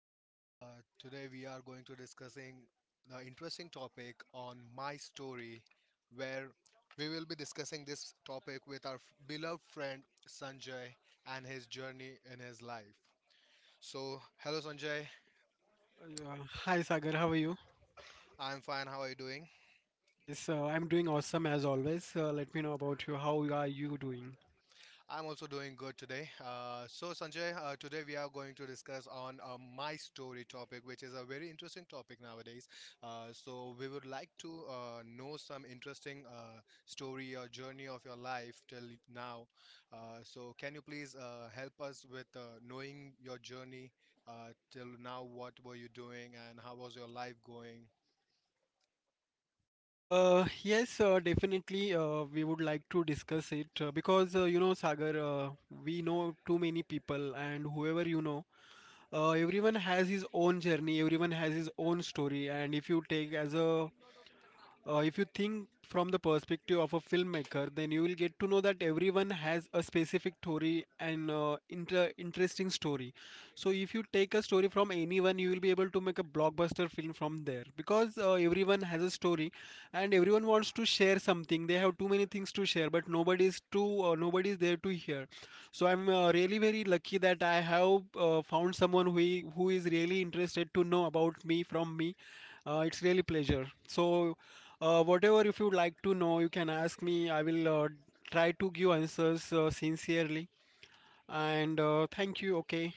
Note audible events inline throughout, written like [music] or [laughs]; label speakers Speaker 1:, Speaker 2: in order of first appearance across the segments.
Speaker 1: guys. Today we are going to discussing the interesting topic on my story, where we will be discussing this topic with our beloved friend Sanjay and his journey in his life. So, hello Sanjay.
Speaker 2: Uh, Hi Sagar, how are you?
Speaker 1: I'm fine. How are you doing?
Speaker 2: Yes, I'm doing awesome as always. Let me know about you. How are you doing?
Speaker 1: I'm also doing good today. So Sanjay, today we are going to discuss on my story topic, which is a very interesting topic nowadays. So we would like to know some interesting story or journey of your life till now. So can you please help us with knowing your journey till now? What were you doing and how was your life going?
Speaker 2: Yes, definitely. We would like to discuss it, because, you know, Sagar, we know too many people, and whoever you know, everyone has his own journey, everyone has his own story. And if you take as a If you think from the perspective of a filmmaker, then you will get to know that everyone has a specific story and, interesting story. So if you take a story from anyone, you will be able to make a blockbuster film from there, because everyone has a story and everyone wants to share something. They have too many things to share, but nobody is there to hear. So I'm, really very lucky that I have found someone who is really interested to know about me from me. It's really pleasure. So, whatever, if you'd like to know, you can ask me. I will try to give answers sincerely. And thank you. Okay.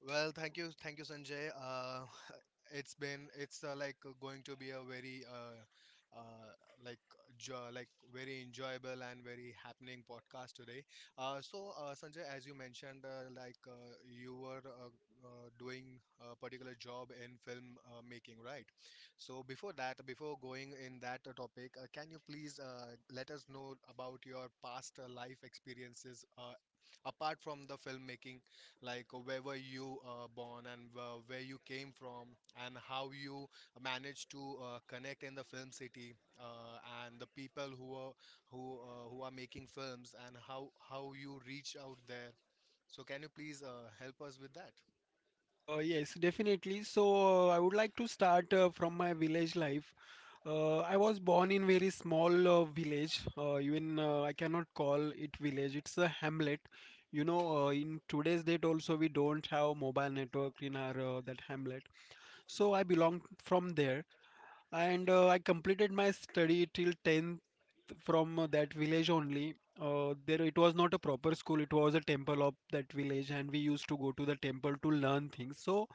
Speaker 1: Well, thank you, Sanjay. [laughs] It's like going to be a very like like very enjoyable and very happening podcast today. So Sanjay, as you mentioned, like you were doing a particular job in film making, right? So before that, before going in that topic, can you please let us know about your past life experiences apart from the filmmaking, like where were you born, and where you came from, and how you managed to connect in the film city uh, and the people who are, who are making films, and how you reach out there? So can you please help us with that?
Speaker 2: Yes, definitely. So, I would like to start from my village life. I was born in very small village. Even I cannot call it village. It's a hamlet. You know, in today's date also we don't have mobile network in our, that hamlet. So I belong from there, and I completed my study till 10th from that village only. There it was not a proper school, it was a temple of that village, and we used to go to the temple to learn things. So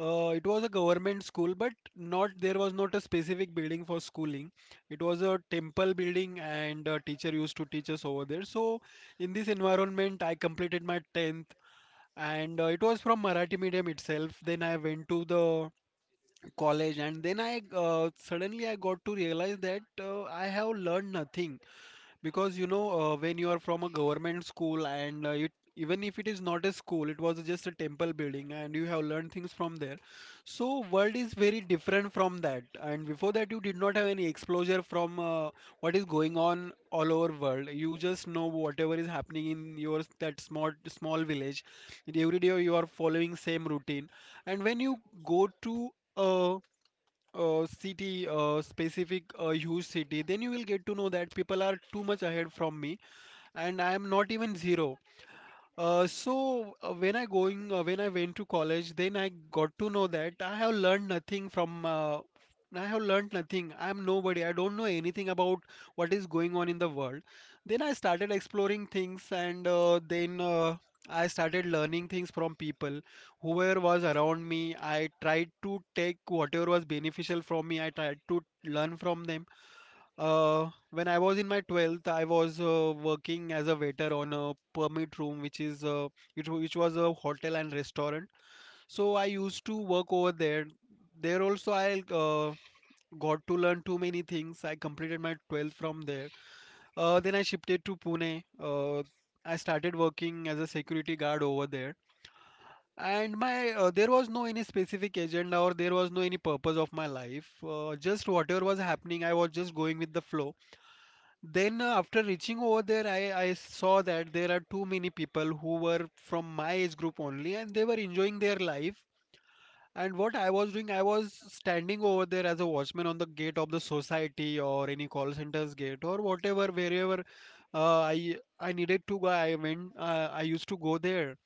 Speaker 2: it was a government school, but not there was not a specific building for schooling. It was a temple building, and a teacher used to teach us over there. So in this environment, I completed my 10th, and it was from Marathi medium itself. Then I went to the college, and then I suddenly I got to realize that I have learned nothing, because, you know, when you are from a government school and even if it is not a school, it was just a temple building and you have learned things from there. So world is very different from that, and before that you did not have any exposure from, what is going on all over world. You just know whatever is happening in your that small small village. Every day you are following same routine, and when you go to a, city, specific huge city, then you will get to know that people are too much ahead from me, and I am not even zero. So when I went to college, then I got to know that I have learned nothing. I am nobody. I don't know anything about what is going on in the world. Then I started exploring things, and then I started learning things from people whoever was around me. I tried to take whatever was beneficial from me. I tried to learn from them. When I was in my 12th, I was working as a waiter on a permit room, which is, which was a hotel and restaurant. So I used to work over there. There also I got to learn too many things. I completed my 12th from there. Then I shifted to Pune. I started working as a security guard over there. And my there was no any specific agenda, or there was no any purpose of my life. Just whatever was happening, I was just going with the flow. Then, after reaching over there, I saw that there are too many people who were from my age group only, and they were enjoying their life. And what I was doing, I was standing over there as a watchman on the gate of the society, or any call center's gate, or whatever. Wherever I needed to go, I went. I used to go there,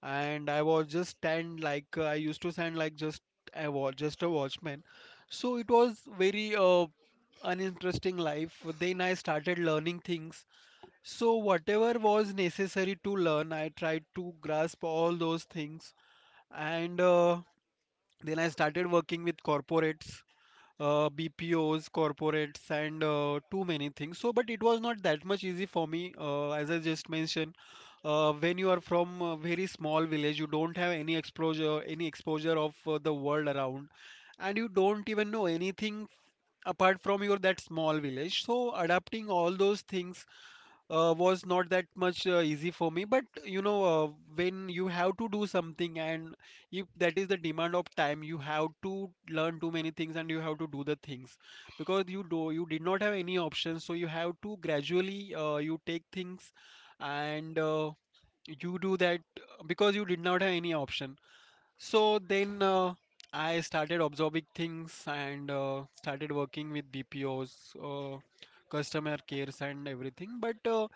Speaker 2: and I was just stand like, I used to stand like, just just a watchman. So it was very uninteresting life. Then I started learning things, so whatever was necessary to learn, I tried to grasp all those things. And then I started working with corporates, BPOs, corporates, and too many things. So, but it was not that much easy for me, as I just mentioned. When you are from a very small village, you don't have any exposure, of the world around. And you don't even know anything apart from your that small village. So adapting all those things was not that much easy for me. But you know, when you have to do something, and if that is the demand of time, you have to learn too many things, and you have to do the things, because you did not have any options. So you have to gradually, you take things, and you do that, because you did not have any option. So then, I started absorbing things and started working with BPOs, customer cares, and everything. But uh,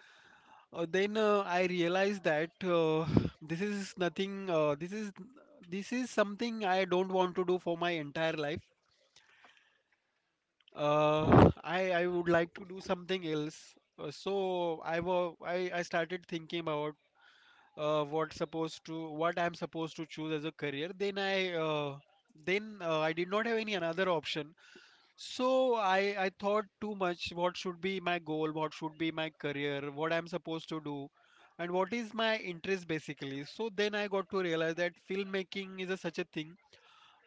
Speaker 2: uh, then I realized that, [sighs] this is nothing. This is something I don't want to do for my entire life. I would like to do something else. So I wa I started thinking about, what I'm supposed to choose as a career. Then I did not have any another option. So I thought too much. What should be my goal? What should be my career? What I'm supposed to do? And what is my interest basically? So then I got to realize that filmmaking is such a thing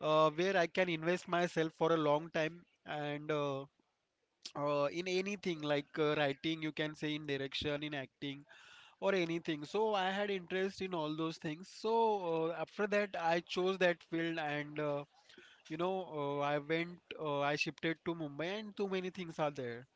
Speaker 2: where I can invest myself for a long time, and in anything like, writing, you can say, in direction, in acting, or anything. So I had interest in all those things. So after that, I chose that field, and you know, I shifted to Mumbai, and too many things are there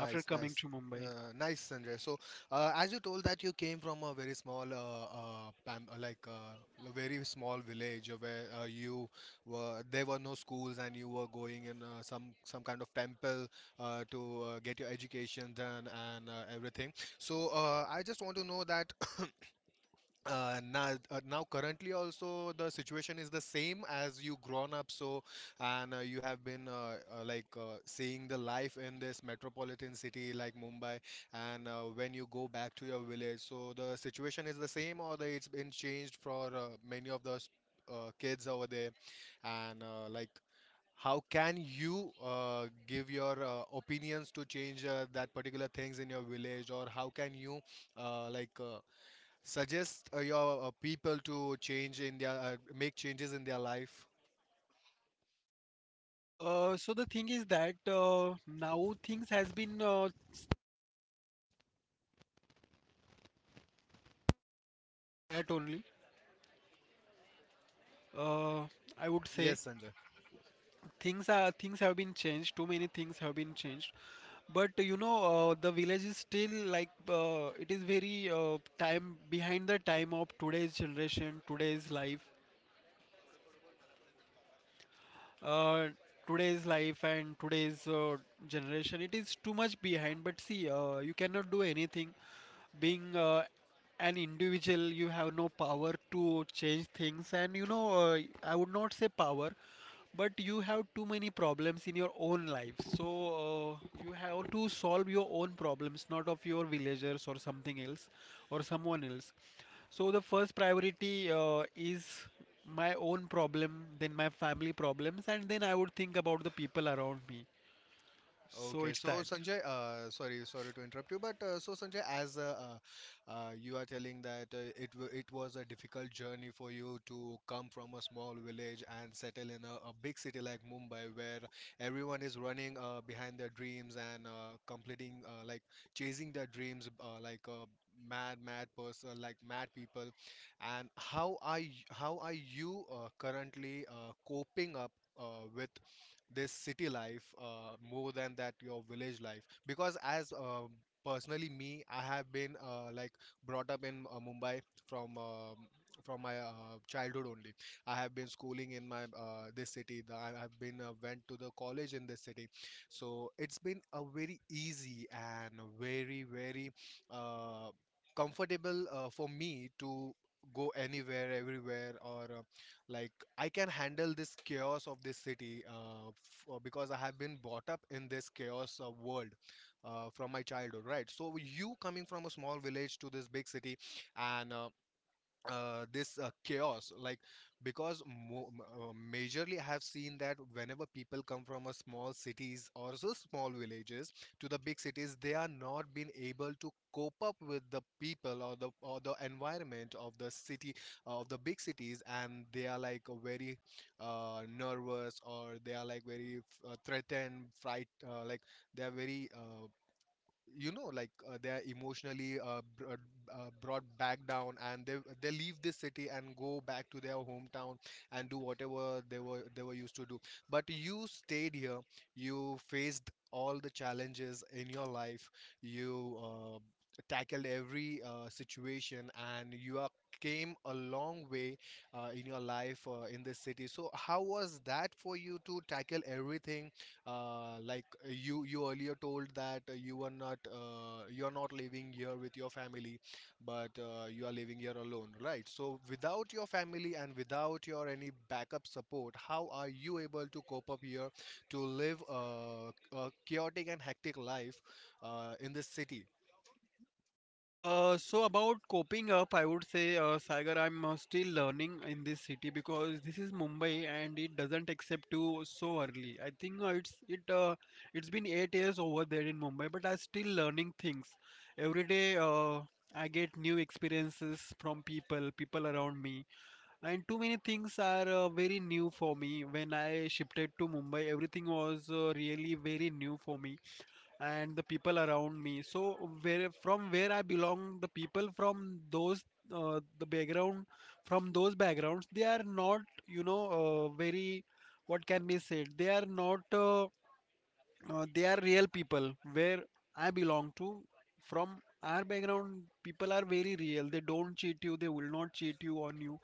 Speaker 2: after coming
Speaker 1: nice,
Speaker 2: to Mumbai.
Speaker 1: uh, nice, Sanjay. So, as you told that you came from a very small, like a very small village where you were there were no schools, and you were going in some kind of temple to get your education done, and everything. So, I just want to know that. [coughs] Now currently also the situation is the same as you grown up, so and you have been like seeing the life in this metropolitan city like Mumbai. And when you go back to your village, so the situation is the same, or it's been changed for many of the kids over there. And like how can you give your opinions to change that particular things in your village, or how can you uh, like uh, suggest your people to change in their make changes in their life?
Speaker 2: So the thing is that, now things has been, that only. Uh, I would say.
Speaker 1: Yes, Sanjay.
Speaker 2: Things have been changed, too many things have been changed. But you know, the village is still like, it is very, time behind the time of today's generation, today's life, uh, today's life, and today's generation. It is too much behind. But see, you cannot do anything being an individual. You have no power to change things. And you know, I would not say power, but you have too many problems in your own life. So you have to solve your own problems, not of your villagers or something else, or someone else. So the first priority, is my own problem, then my family problems, and then I would think about the people around me. So
Speaker 1: Okay,
Speaker 2: it's
Speaker 1: so
Speaker 2: that.
Speaker 1: Sanjay, sorry to interrupt you, but so Sanjay, as you are telling that it was a difficult journey for you to come from a small village and settle in a big city like Mumbai, where everyone is running behind their dreams, and completing like chasing their dreams like a mad person, like mad people. And how are you currently coping up with this city life more than that your village life? Because as personally me, I have been like brought up in Mumbai from uh, from my childhood only. I have been schooling in my this city. I have been went to the college in this city. So it's been a very easy and very very uh, comfortable for me to go anywhere everywhere, or like I can handle this chaos of this city, because I have been brought up in this chaos world from my childhood, right? So you coming from a small village to this big city, and this chaos, like because majorly I have seen that whenever people come from a small cities or so small villages to the big cities, they are not been able to cope up with the people, or the environment of the city, of the big cities. And they are like very nervous, or they are like very threatened, fright like they are very you know, like they are emotionally brought back down, and they leave this city and go back to their hometown, and do whatever they were used to do. But you stayed here. You faced all the challenges in your life. You tackled every situation, and you are came a long way in your life in this city. So how was that for you to tackle everything? You earlier told that you are not living here with your family, but you are living here alone, right? So without your family and without your any backup support, how are you able to cope up here to live a chaotic and hectic life in this city?
Speaker 2: So about coping up, I would say, Sagar, I'm still learning in this city, because this is Mumbai and it doesn't accept you so early. I think, it's been 8 years over there in Mumbai, but I'm still learning things. Every day, I get new experiences from people, people around me, and too many things are very new for me. When I shifted to Mumbai, everything was really very new for me, and the people around me. So where from where I belong, the people from those, the background from those backgrounds, they are not, you know, very, what can be said, they are not, they are real people. Where I belong to, from our background, people are very real, they don't cheat you, they will not cheat you on you.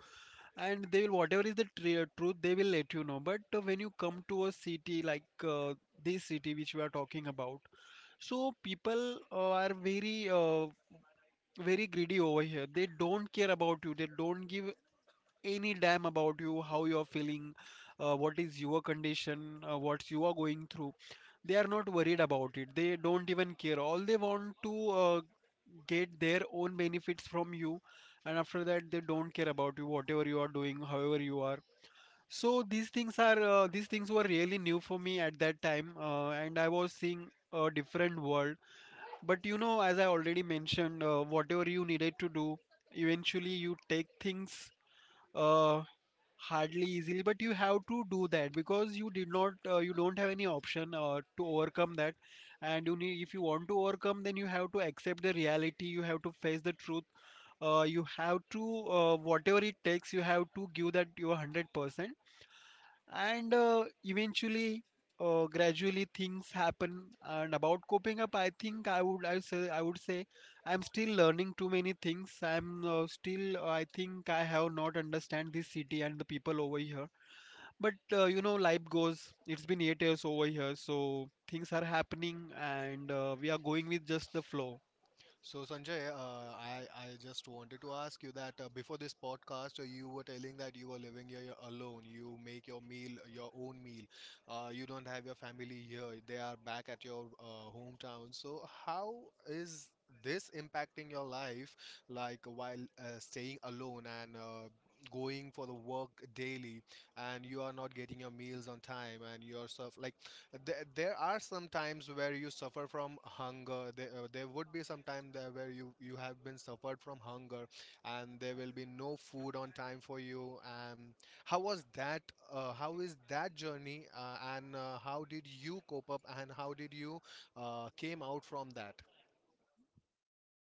Speaker 2: And they will whatever is the truth, they will let you know. But when you come to a city like, this city which we are talking about, so people are very, very greedy over here. They don't care about you. They don't give any damn about you, how you are feeling, what is your condition, what you are going through. They are not worried about it. They don't even care. All they want to get their own benefits from you, and after that they don't care about you, whatever you are doing, however you are. So these things were really new for me at that time, and I was seeing a different world, but you know, as I already mentioned, whatever you needed to do, eventually you take things uh, hardly easily, but you have to do that because you did not, you don't have any option to overcome that. And you need, if you want to overcome, then you have to accept the reality, you have to face the truth. You have to, whatever it takes, you have to give that your 100% and eventually gradually things happen. And about coping up, I think I would I say I would say I'm still learning too many things. I think I have not understand this city and the people over here, but you know, life goes. It's been 8 years over here, so things are happening and we are going with just the flow.
Speaker 1: So Sanjay, I just wanted to ask you that before this podcast, you were telling that you were living here alone. You make your meal, your own meal. You don't have your family here. They are back at your hometown. So how is this impacting your life, like while staying alone and going for the work daily, and you are not getting your meals on time, and yourself like there are some times where you suffer from hunger. There would be some time there where you have been suffered from hunger, and there will be no food on time for you. And how was that? How is that journey? And how did you cope up, and how did you came out from that?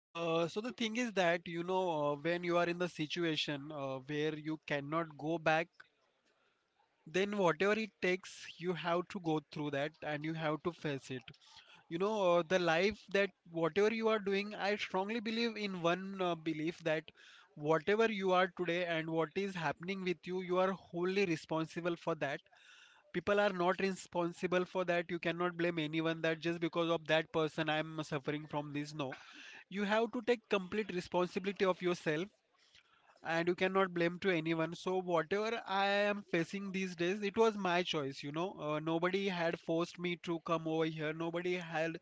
Speaker 2: So the thing is that, you know, when you are in the situation where you cannot go back, then whatever it takes, you have to go through that and you have to face it, you know. The life that whatever you are doing, I strongly believe in one belief that whatever you are today and what is happening with you, you are wholly responsible for that. People are not responsible for that. You cannot blame anyone that just because of that person I am suffering from this. No, you have to take complete responsibility of yourself, and you cannot blame to anyone. So whatever I am facing these days, it was my choice, you know. Nobody had forced me to come over here, nobody had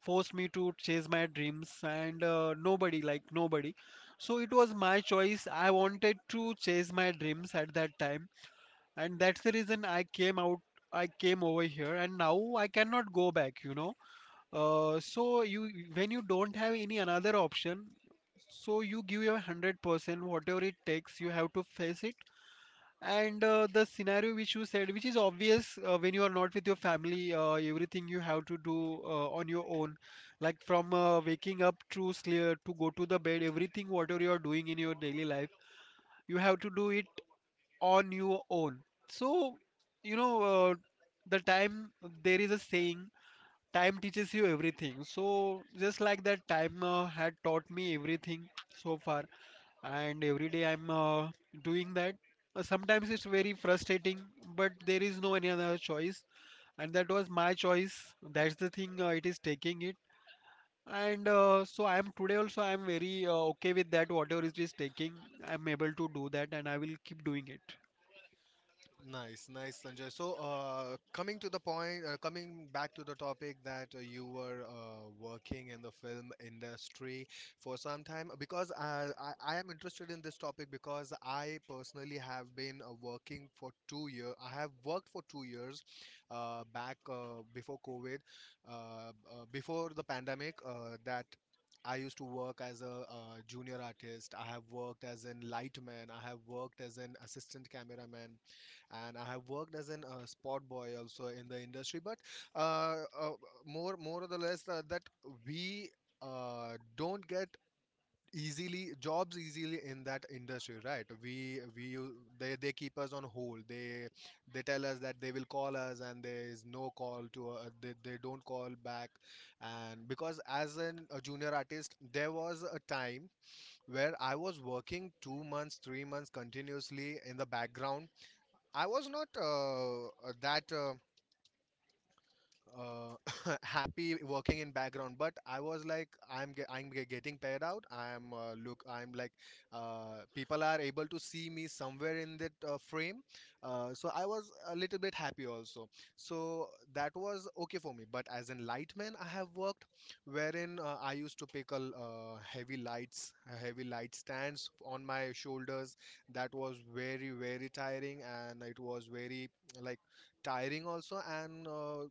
Speaker 2: forced me to chase my dreams, and nobody, like, nobody. So it was my choice, I wanted to chase my dreams at that time, and that's the reason I came over here, and now I cannot go back, you know. So you, when you don't have any another option, so you give your 100% whatever it takes, you have to face it. And the scenario which you said, which is obvious, when you are not with your family, everything you have to do on your own, like from waking up to sleep to go to the bed, everything whatever you are doing in your daily life, you have to do it on your own. So, you know, the time, there is a saying, time teaches you everything. So just like that, time had taught me everything so far, and every day I'm doing that. Sometimes it's very frustrating, but there is no any other choice, and that was my choice. That's the thing, it is taking it, and so I am today also I am very okay with that, whatever it is taking, I'm able to do that and I will keep doing it.
Speaker 1: Nice, Sanjay. So, coming to the point, coming back to the topic that you were working in the film industry for some time, because I am interested in this topic, because I personally have been working for 2 years. I have worked for 2 years back before COVID, before the pandemic, that I used to work as a junior artist. I have worked as an lightman. I have worked as an assistant cameraman, and I have worked as an spot boy also in the industry. But uh, uh, more or the less that we don't get easily jobs easily in that industry, right? We they keep us on hold. They tell us that they will call us, and there is no call to they don't call back. And because as a junior artist, there was a time where I was working 2 months 3 months continuously in the background. I was not that uh, [laughs] happy working in background, but I was like I'm getting paid out. I'm look, I'm like people are able to see me somewhere in that frame, so I was a little bit happy also. So that was okay for me. But as an lightman, I have worked wherein I used to pick heavy lights, heavy light stands on my shoulders. That was very very tiring, and it was very like tiring also, and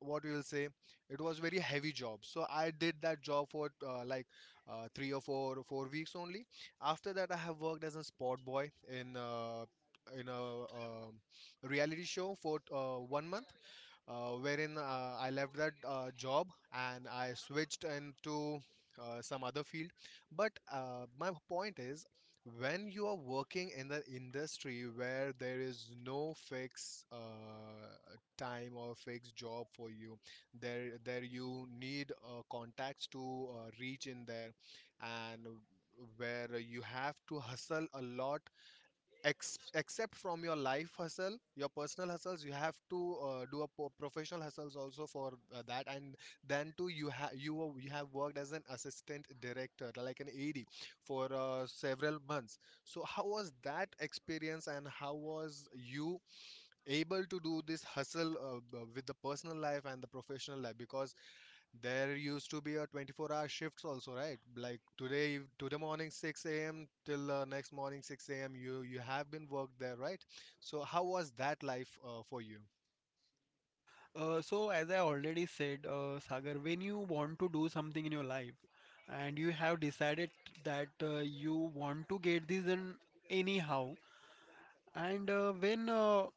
Speaker 1: what you'll say, it was very heavy job. So I did that job for 3 or 4 weeks only. After that, I have worked as a sport boy in a um reality show for 1 month, wherein I left that job, and I switched into some other field. But my point is, when you are working in the industry where there is no fixed time or fixed job for you, there you need contacts to reach in there, and where you have to hustle a lot ex- except from your life hustle, your personal hustles, you have to do professional hustles also for that. And then too, you have you have worked as an assistant director like an ad for several months. So how was that experience, and how was you able to do this hustle with the personal life and the professional life? Because there used to be a 24-hour shifts also, right? Like today morning 6 a.m. till next morning 6 a.m. you have been worked there, right? So how was that life for you?
Speaker 2: So as I already said, Sagar, when you want to do something in your life and you have decided that you want to get this done anyhow, and when uh,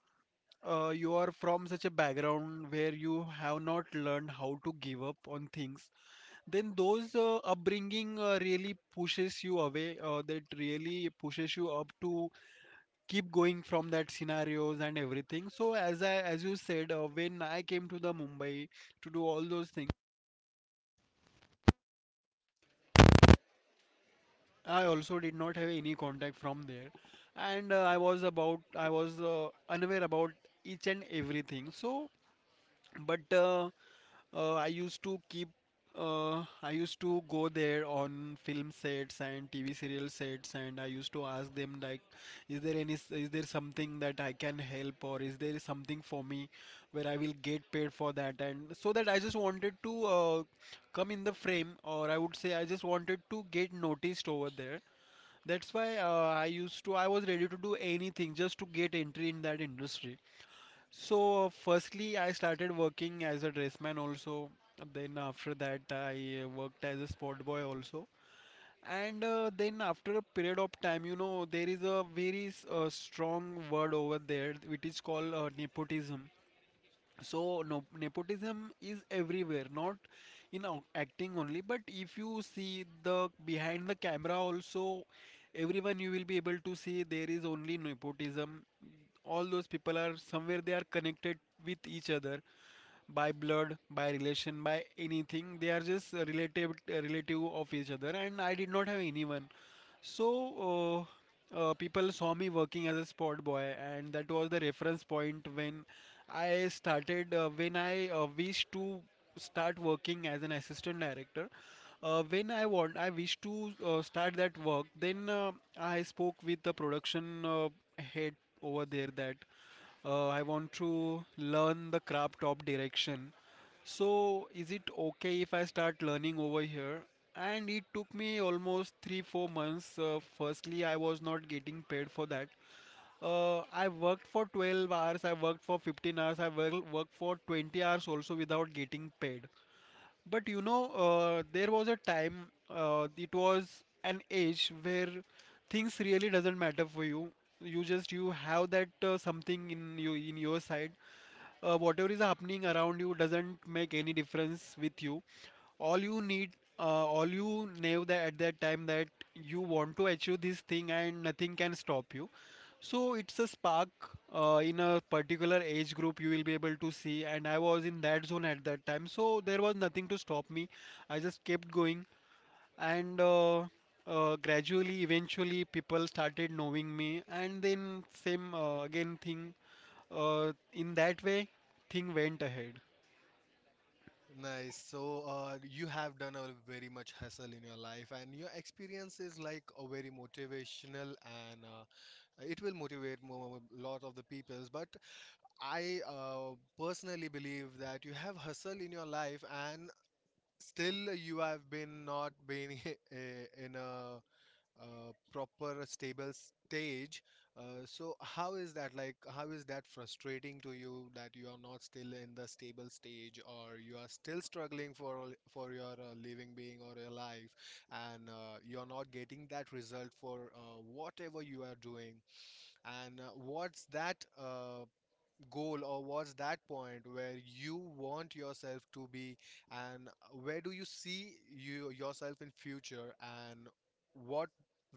Speaker 2: uh, you are from such a background where you have not learned how to give up on things, then those upbringing really pushes you away. That really pushes you up to keep going from that scenarios and everything. So as you said, when I came to the Mumbai to do all those things, I also did not have any contact from there, and I was unaware about each and everything. So, but I used to keep. I used to go there on film sets and TV serial sets, and I used to ask them like, "Is there any? Is there something that I can help, or is there something for me where I will get paid for that?" And so that I just wanted to come in the frame, or I would say I just wanted to get noticed over there. That's why I used to. I was ready to do anything just to get entry in that industry. So, firstly, I started working as a dressman also. Then, after that, I worked as a sport boy also. And then, after a period of time, you know, there is a very strong word over there, which is called nepotism. So no, nepotism is everywhere, not in acting only, but if you see the behind the camera also, everyone, you will be able to see, there is only nepotism. All those people are somewhere they are connected with each other, by blood, by relation, by anything, they are just relative of each other, and I did not have anyone. So, people saw me working as a sport boy, and that was the reference point when I wished to start working as an assistant director. When I wish to start that work. Then I spoke with the production head over there, that I want to learn the craft of direction. So, is it okay if I start learning over here? And it took me almost three, 4 months. Firstly, I was not getting paid for that. I worked for 12 hours, I worked for 15 hours, worked for 20 hours also without getting paid. But you know, there was a time, it was an age where things really doesn't matter for you. You just, you have that something in you, in your side, whatever is happening around you doesn't make any difference with you. All you need, all you know, that at that time, that you want to achieve this thing and nothing can stop you. So it's a spark, in a particular age group you will be able to see, and I was in that zone at that time, so there was nothing to stop me. I just kept going, and gradually, eventually people started knowing me, and then same again thing, in that way, thing went ahead.
Speaker 1: Nice. So, you have done a very much hustle in your life, and your experience is like a very motivational, and it will motivate a lot of the peoples. But I personally believe that you have hustle in your life, and still you have been not been [laughs] in a proper stable stage. So how is that like? How is that frustrating to you that you are not still in the stable stage, or you are still struggling for your living being or your life, and you are not getting that result for whatever you are doing? And what's that? Goal or what's that point where you want yourself to be and where do you see yourself in future and what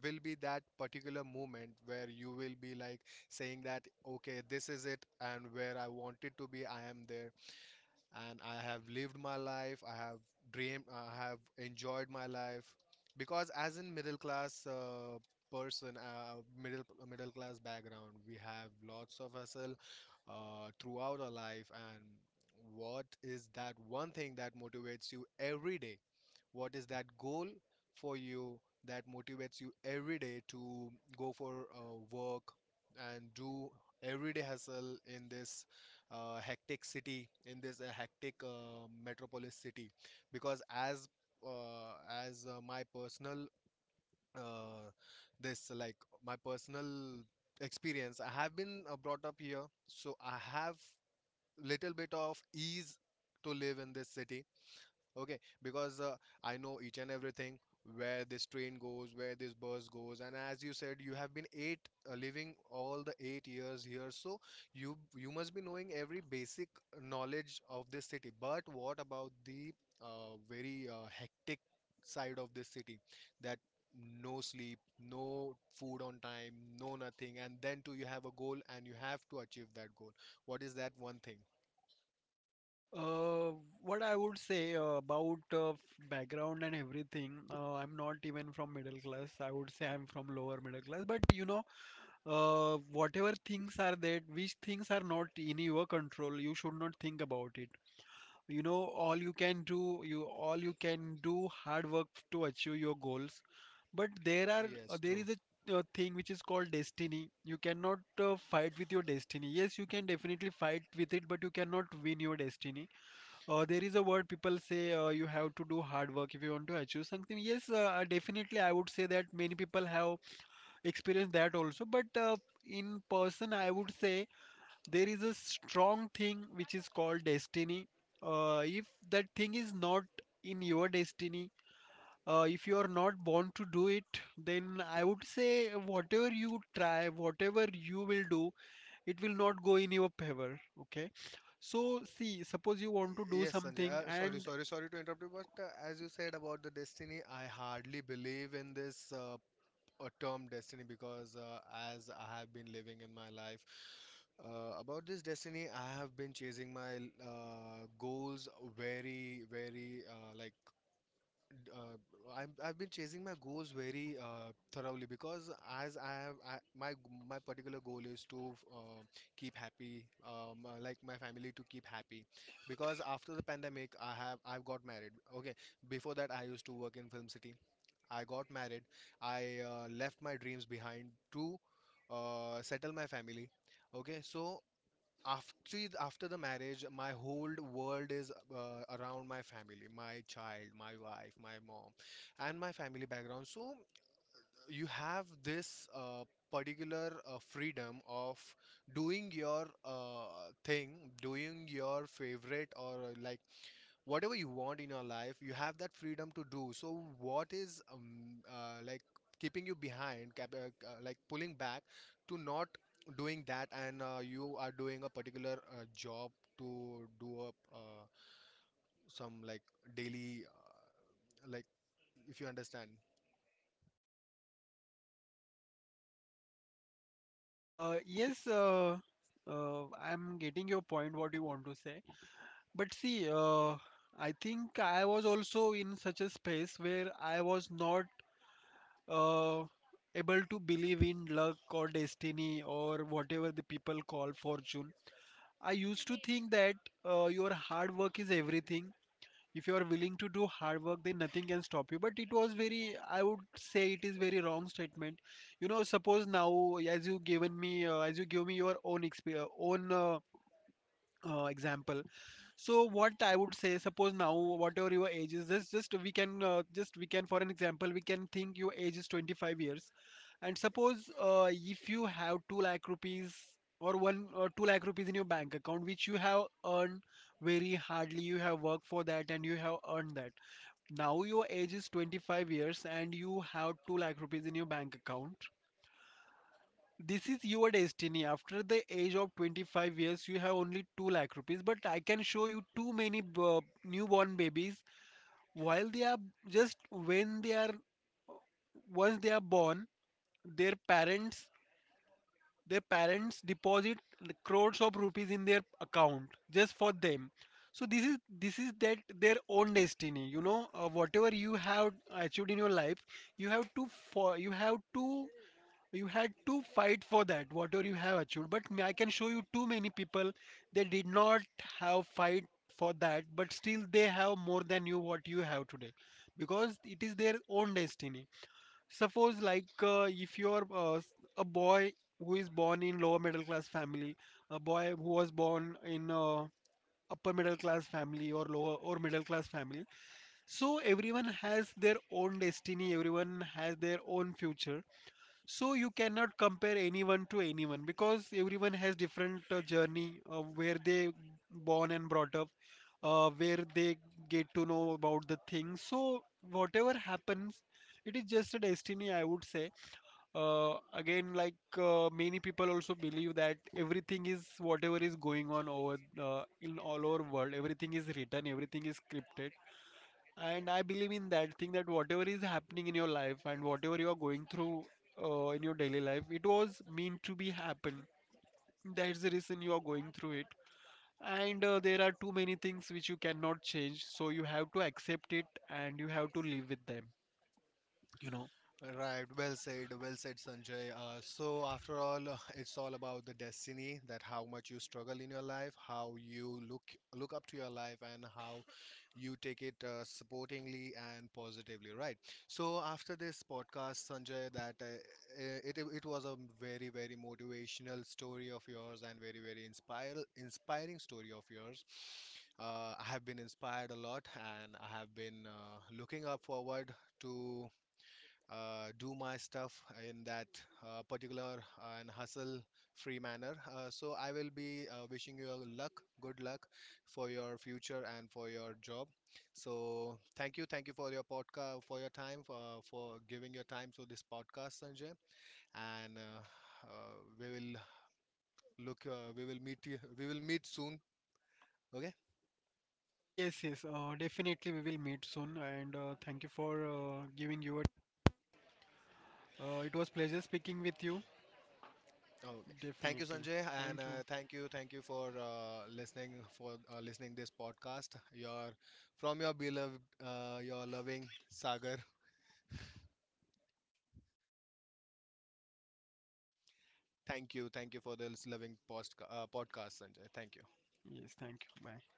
Speaker 1: will be that particular moment where you will be like saying that okay, this is it and where I wanted to be I am there, and I have lived my life. I have dreamed. I have enjoyed my life because as in middle class person, middle class background, we have lots of hustle throughout our life. And what is that one thing that motivates you every day? What is that goal for you that motivates you every day to go for work and do everyday hustle in this hectic city, in this hectic metropolis city? Because uh, as my personal uh, this like my personal experience, I have been brought up here, so I have little bit of ease to live in this city. Okay, because I know each and everything, where this train goes, where this bus goes. And as you said, you have been eight living all the 8 years here, so you must be knowing every basic knowledge of this city. But what about the very hectic side of this city? That no sleep, no food on time, no nothing, and then too you have a goal and you have to achieve that goal. What is that one thing?
Speaker 2: Uh, what I would say about background and everything, I'm not even from middle class, I would say I'm from lower middle class. But you know, whatever things are that, which things are not in your control, you should not think about it, you know. All you can do, you all you can do hard work to achieve your goals. But there are,
Speaker 1: Yes,
Speaker 2: there
Speaker 1: true.
Speaker 2: is a thing which is called destiny. You cannot fight with your destiny. Yes, you can definitely fight with it, but you cannot win your destiny. Uh, there is a word people say, you have to do hard work if you want to achieve something. Yes, definitely I would say that many people have experienced that also, but in person I would say there is a strong thing which is called destiny. Uh, if that thing is not in your destiny, if you are not born to do it, then I would say whatever you try, whatever you will do, it will not go in your favor, okay? So see, suppose you want to do
Speaker 1: Yes, Sanjay.
Speaker 2: something,
Speaker 1: Sorry,
Speaker 2: and
Speaker 1: sorry, sorry to interrupt you, but as you said about the destiny, I hardly believe in this term destiny, because as I have been living in my life, about this destiny, I have been chasing my goals very, very like d- uh, I've been chasing my goals very thoroughly. Because as I have I, my my particular goal is to keep happy, like my family, to keep happy. Because after the pandemic I've got married. Okay, before that I used to work in Film City. I got married. I left my dreams behind to settle my family. Okay, so after, after the marriage, my whole world is around my family, my child, my wife, my mom, and my family background. So you have this particular freedom of doing your thing, doing your favorite, or like whatever you want in your life. You have that freedom to do, so what is like keeping you behind, like pulling back to not doing that? And you are doing a particular job to do up some, like, daily, like, if you understand.
Speaker 2: yes, I'm getting your point what you want to say. But see, I think I was also in such a space where I was not uh, able to believe in luck or destiny or whatever the people call fortune. I used to think that your hard work is everything. If you are willing to do hard work, then nothing can stop you. But it was very, I would say, it is very wrong statement. You know, suppose now, as you give me your own experience, own example. So what I would say, suppose now, whatever your age is, just we can, just we can, for an example, we can think your age is 25 years, and suppose if you have 2 lakh rupees, or 1 or 2 lakh rupees in your bank account, which you have earned very hardly, you have worked for that and you have earned that. Now your age is 25 years and you have 2 lakh rupees in your bank account. This is your destiny. After the age of 25 years, you have only 2 lakh rupees. But I can show you too many newborn babies while they are just when they are once they are born, their parents, deposit crores of rupees in their account just for them. So this is, that, their own destiny, you know. Whatever you have achieved in your life, you have to, you had to fight for that, whatever you have achieved. But I can show you too many people, they did not have fight for that, but still they have more than you, what you have today, because it is their own destiny. Suppose like, if you're a boy who is born in lower middle class family, a boy who was born in upper middle class family, or lower or middle class family. So everyone has their own destiny, everyone has their own future. So you cannot compare anyone to anyone, because everyone has different journey, where they born and brought up, where they get to know about the things. So whatever happens, it is just a destiny, I would say. Uh, again, like, many people also believe that everything is, whatever is going on over in all over world, everything is written, everything is scripted, and I believe in that thing, that whatever is happening in your life and whatever you are going through in your daily life, it was meant to be happen. That's the reason you are going through it, and there are too many things which you cannot change, so you have to accept it and you have to live with them.
Speaker 1: Right, well said, Sanjay. So, after all, [laughs] it's all about the destiny, that how much you struggle in your life, how you look up to your life, and how you take it supportingly and positively. Right. So, after this podcast, Sanjay, that it was a very very motivational story of yours, and very very inspire inspiring story of yours. I have been inspired a lot, and I have been looking up forward to do my stuff in that particular and hustle free manner. So I will be wishing you a luck, good luck for your future and for your job. So thank you for your podcast, for your time, for giving your time to this podcast, Sanjay. And we will look, we will meet, we will meet soon. Okay.
Speaker 2: Yes, yes, definitely we will meet soon, and thank you for giving your. It was pleasure speaking with you.
Speaker 1: Okay. Thank you,
Speaker 2: Definitely.
Speaker 1: Sanjay, and
Speaker 2: Thank you.
Speaker 1: thank you for listening this podcast. Your from your beloved, your loving Sagar. Thank you for this loving post podcast, Sanjay. Thank you.
Speaker 2: Yes, thank you. Bye.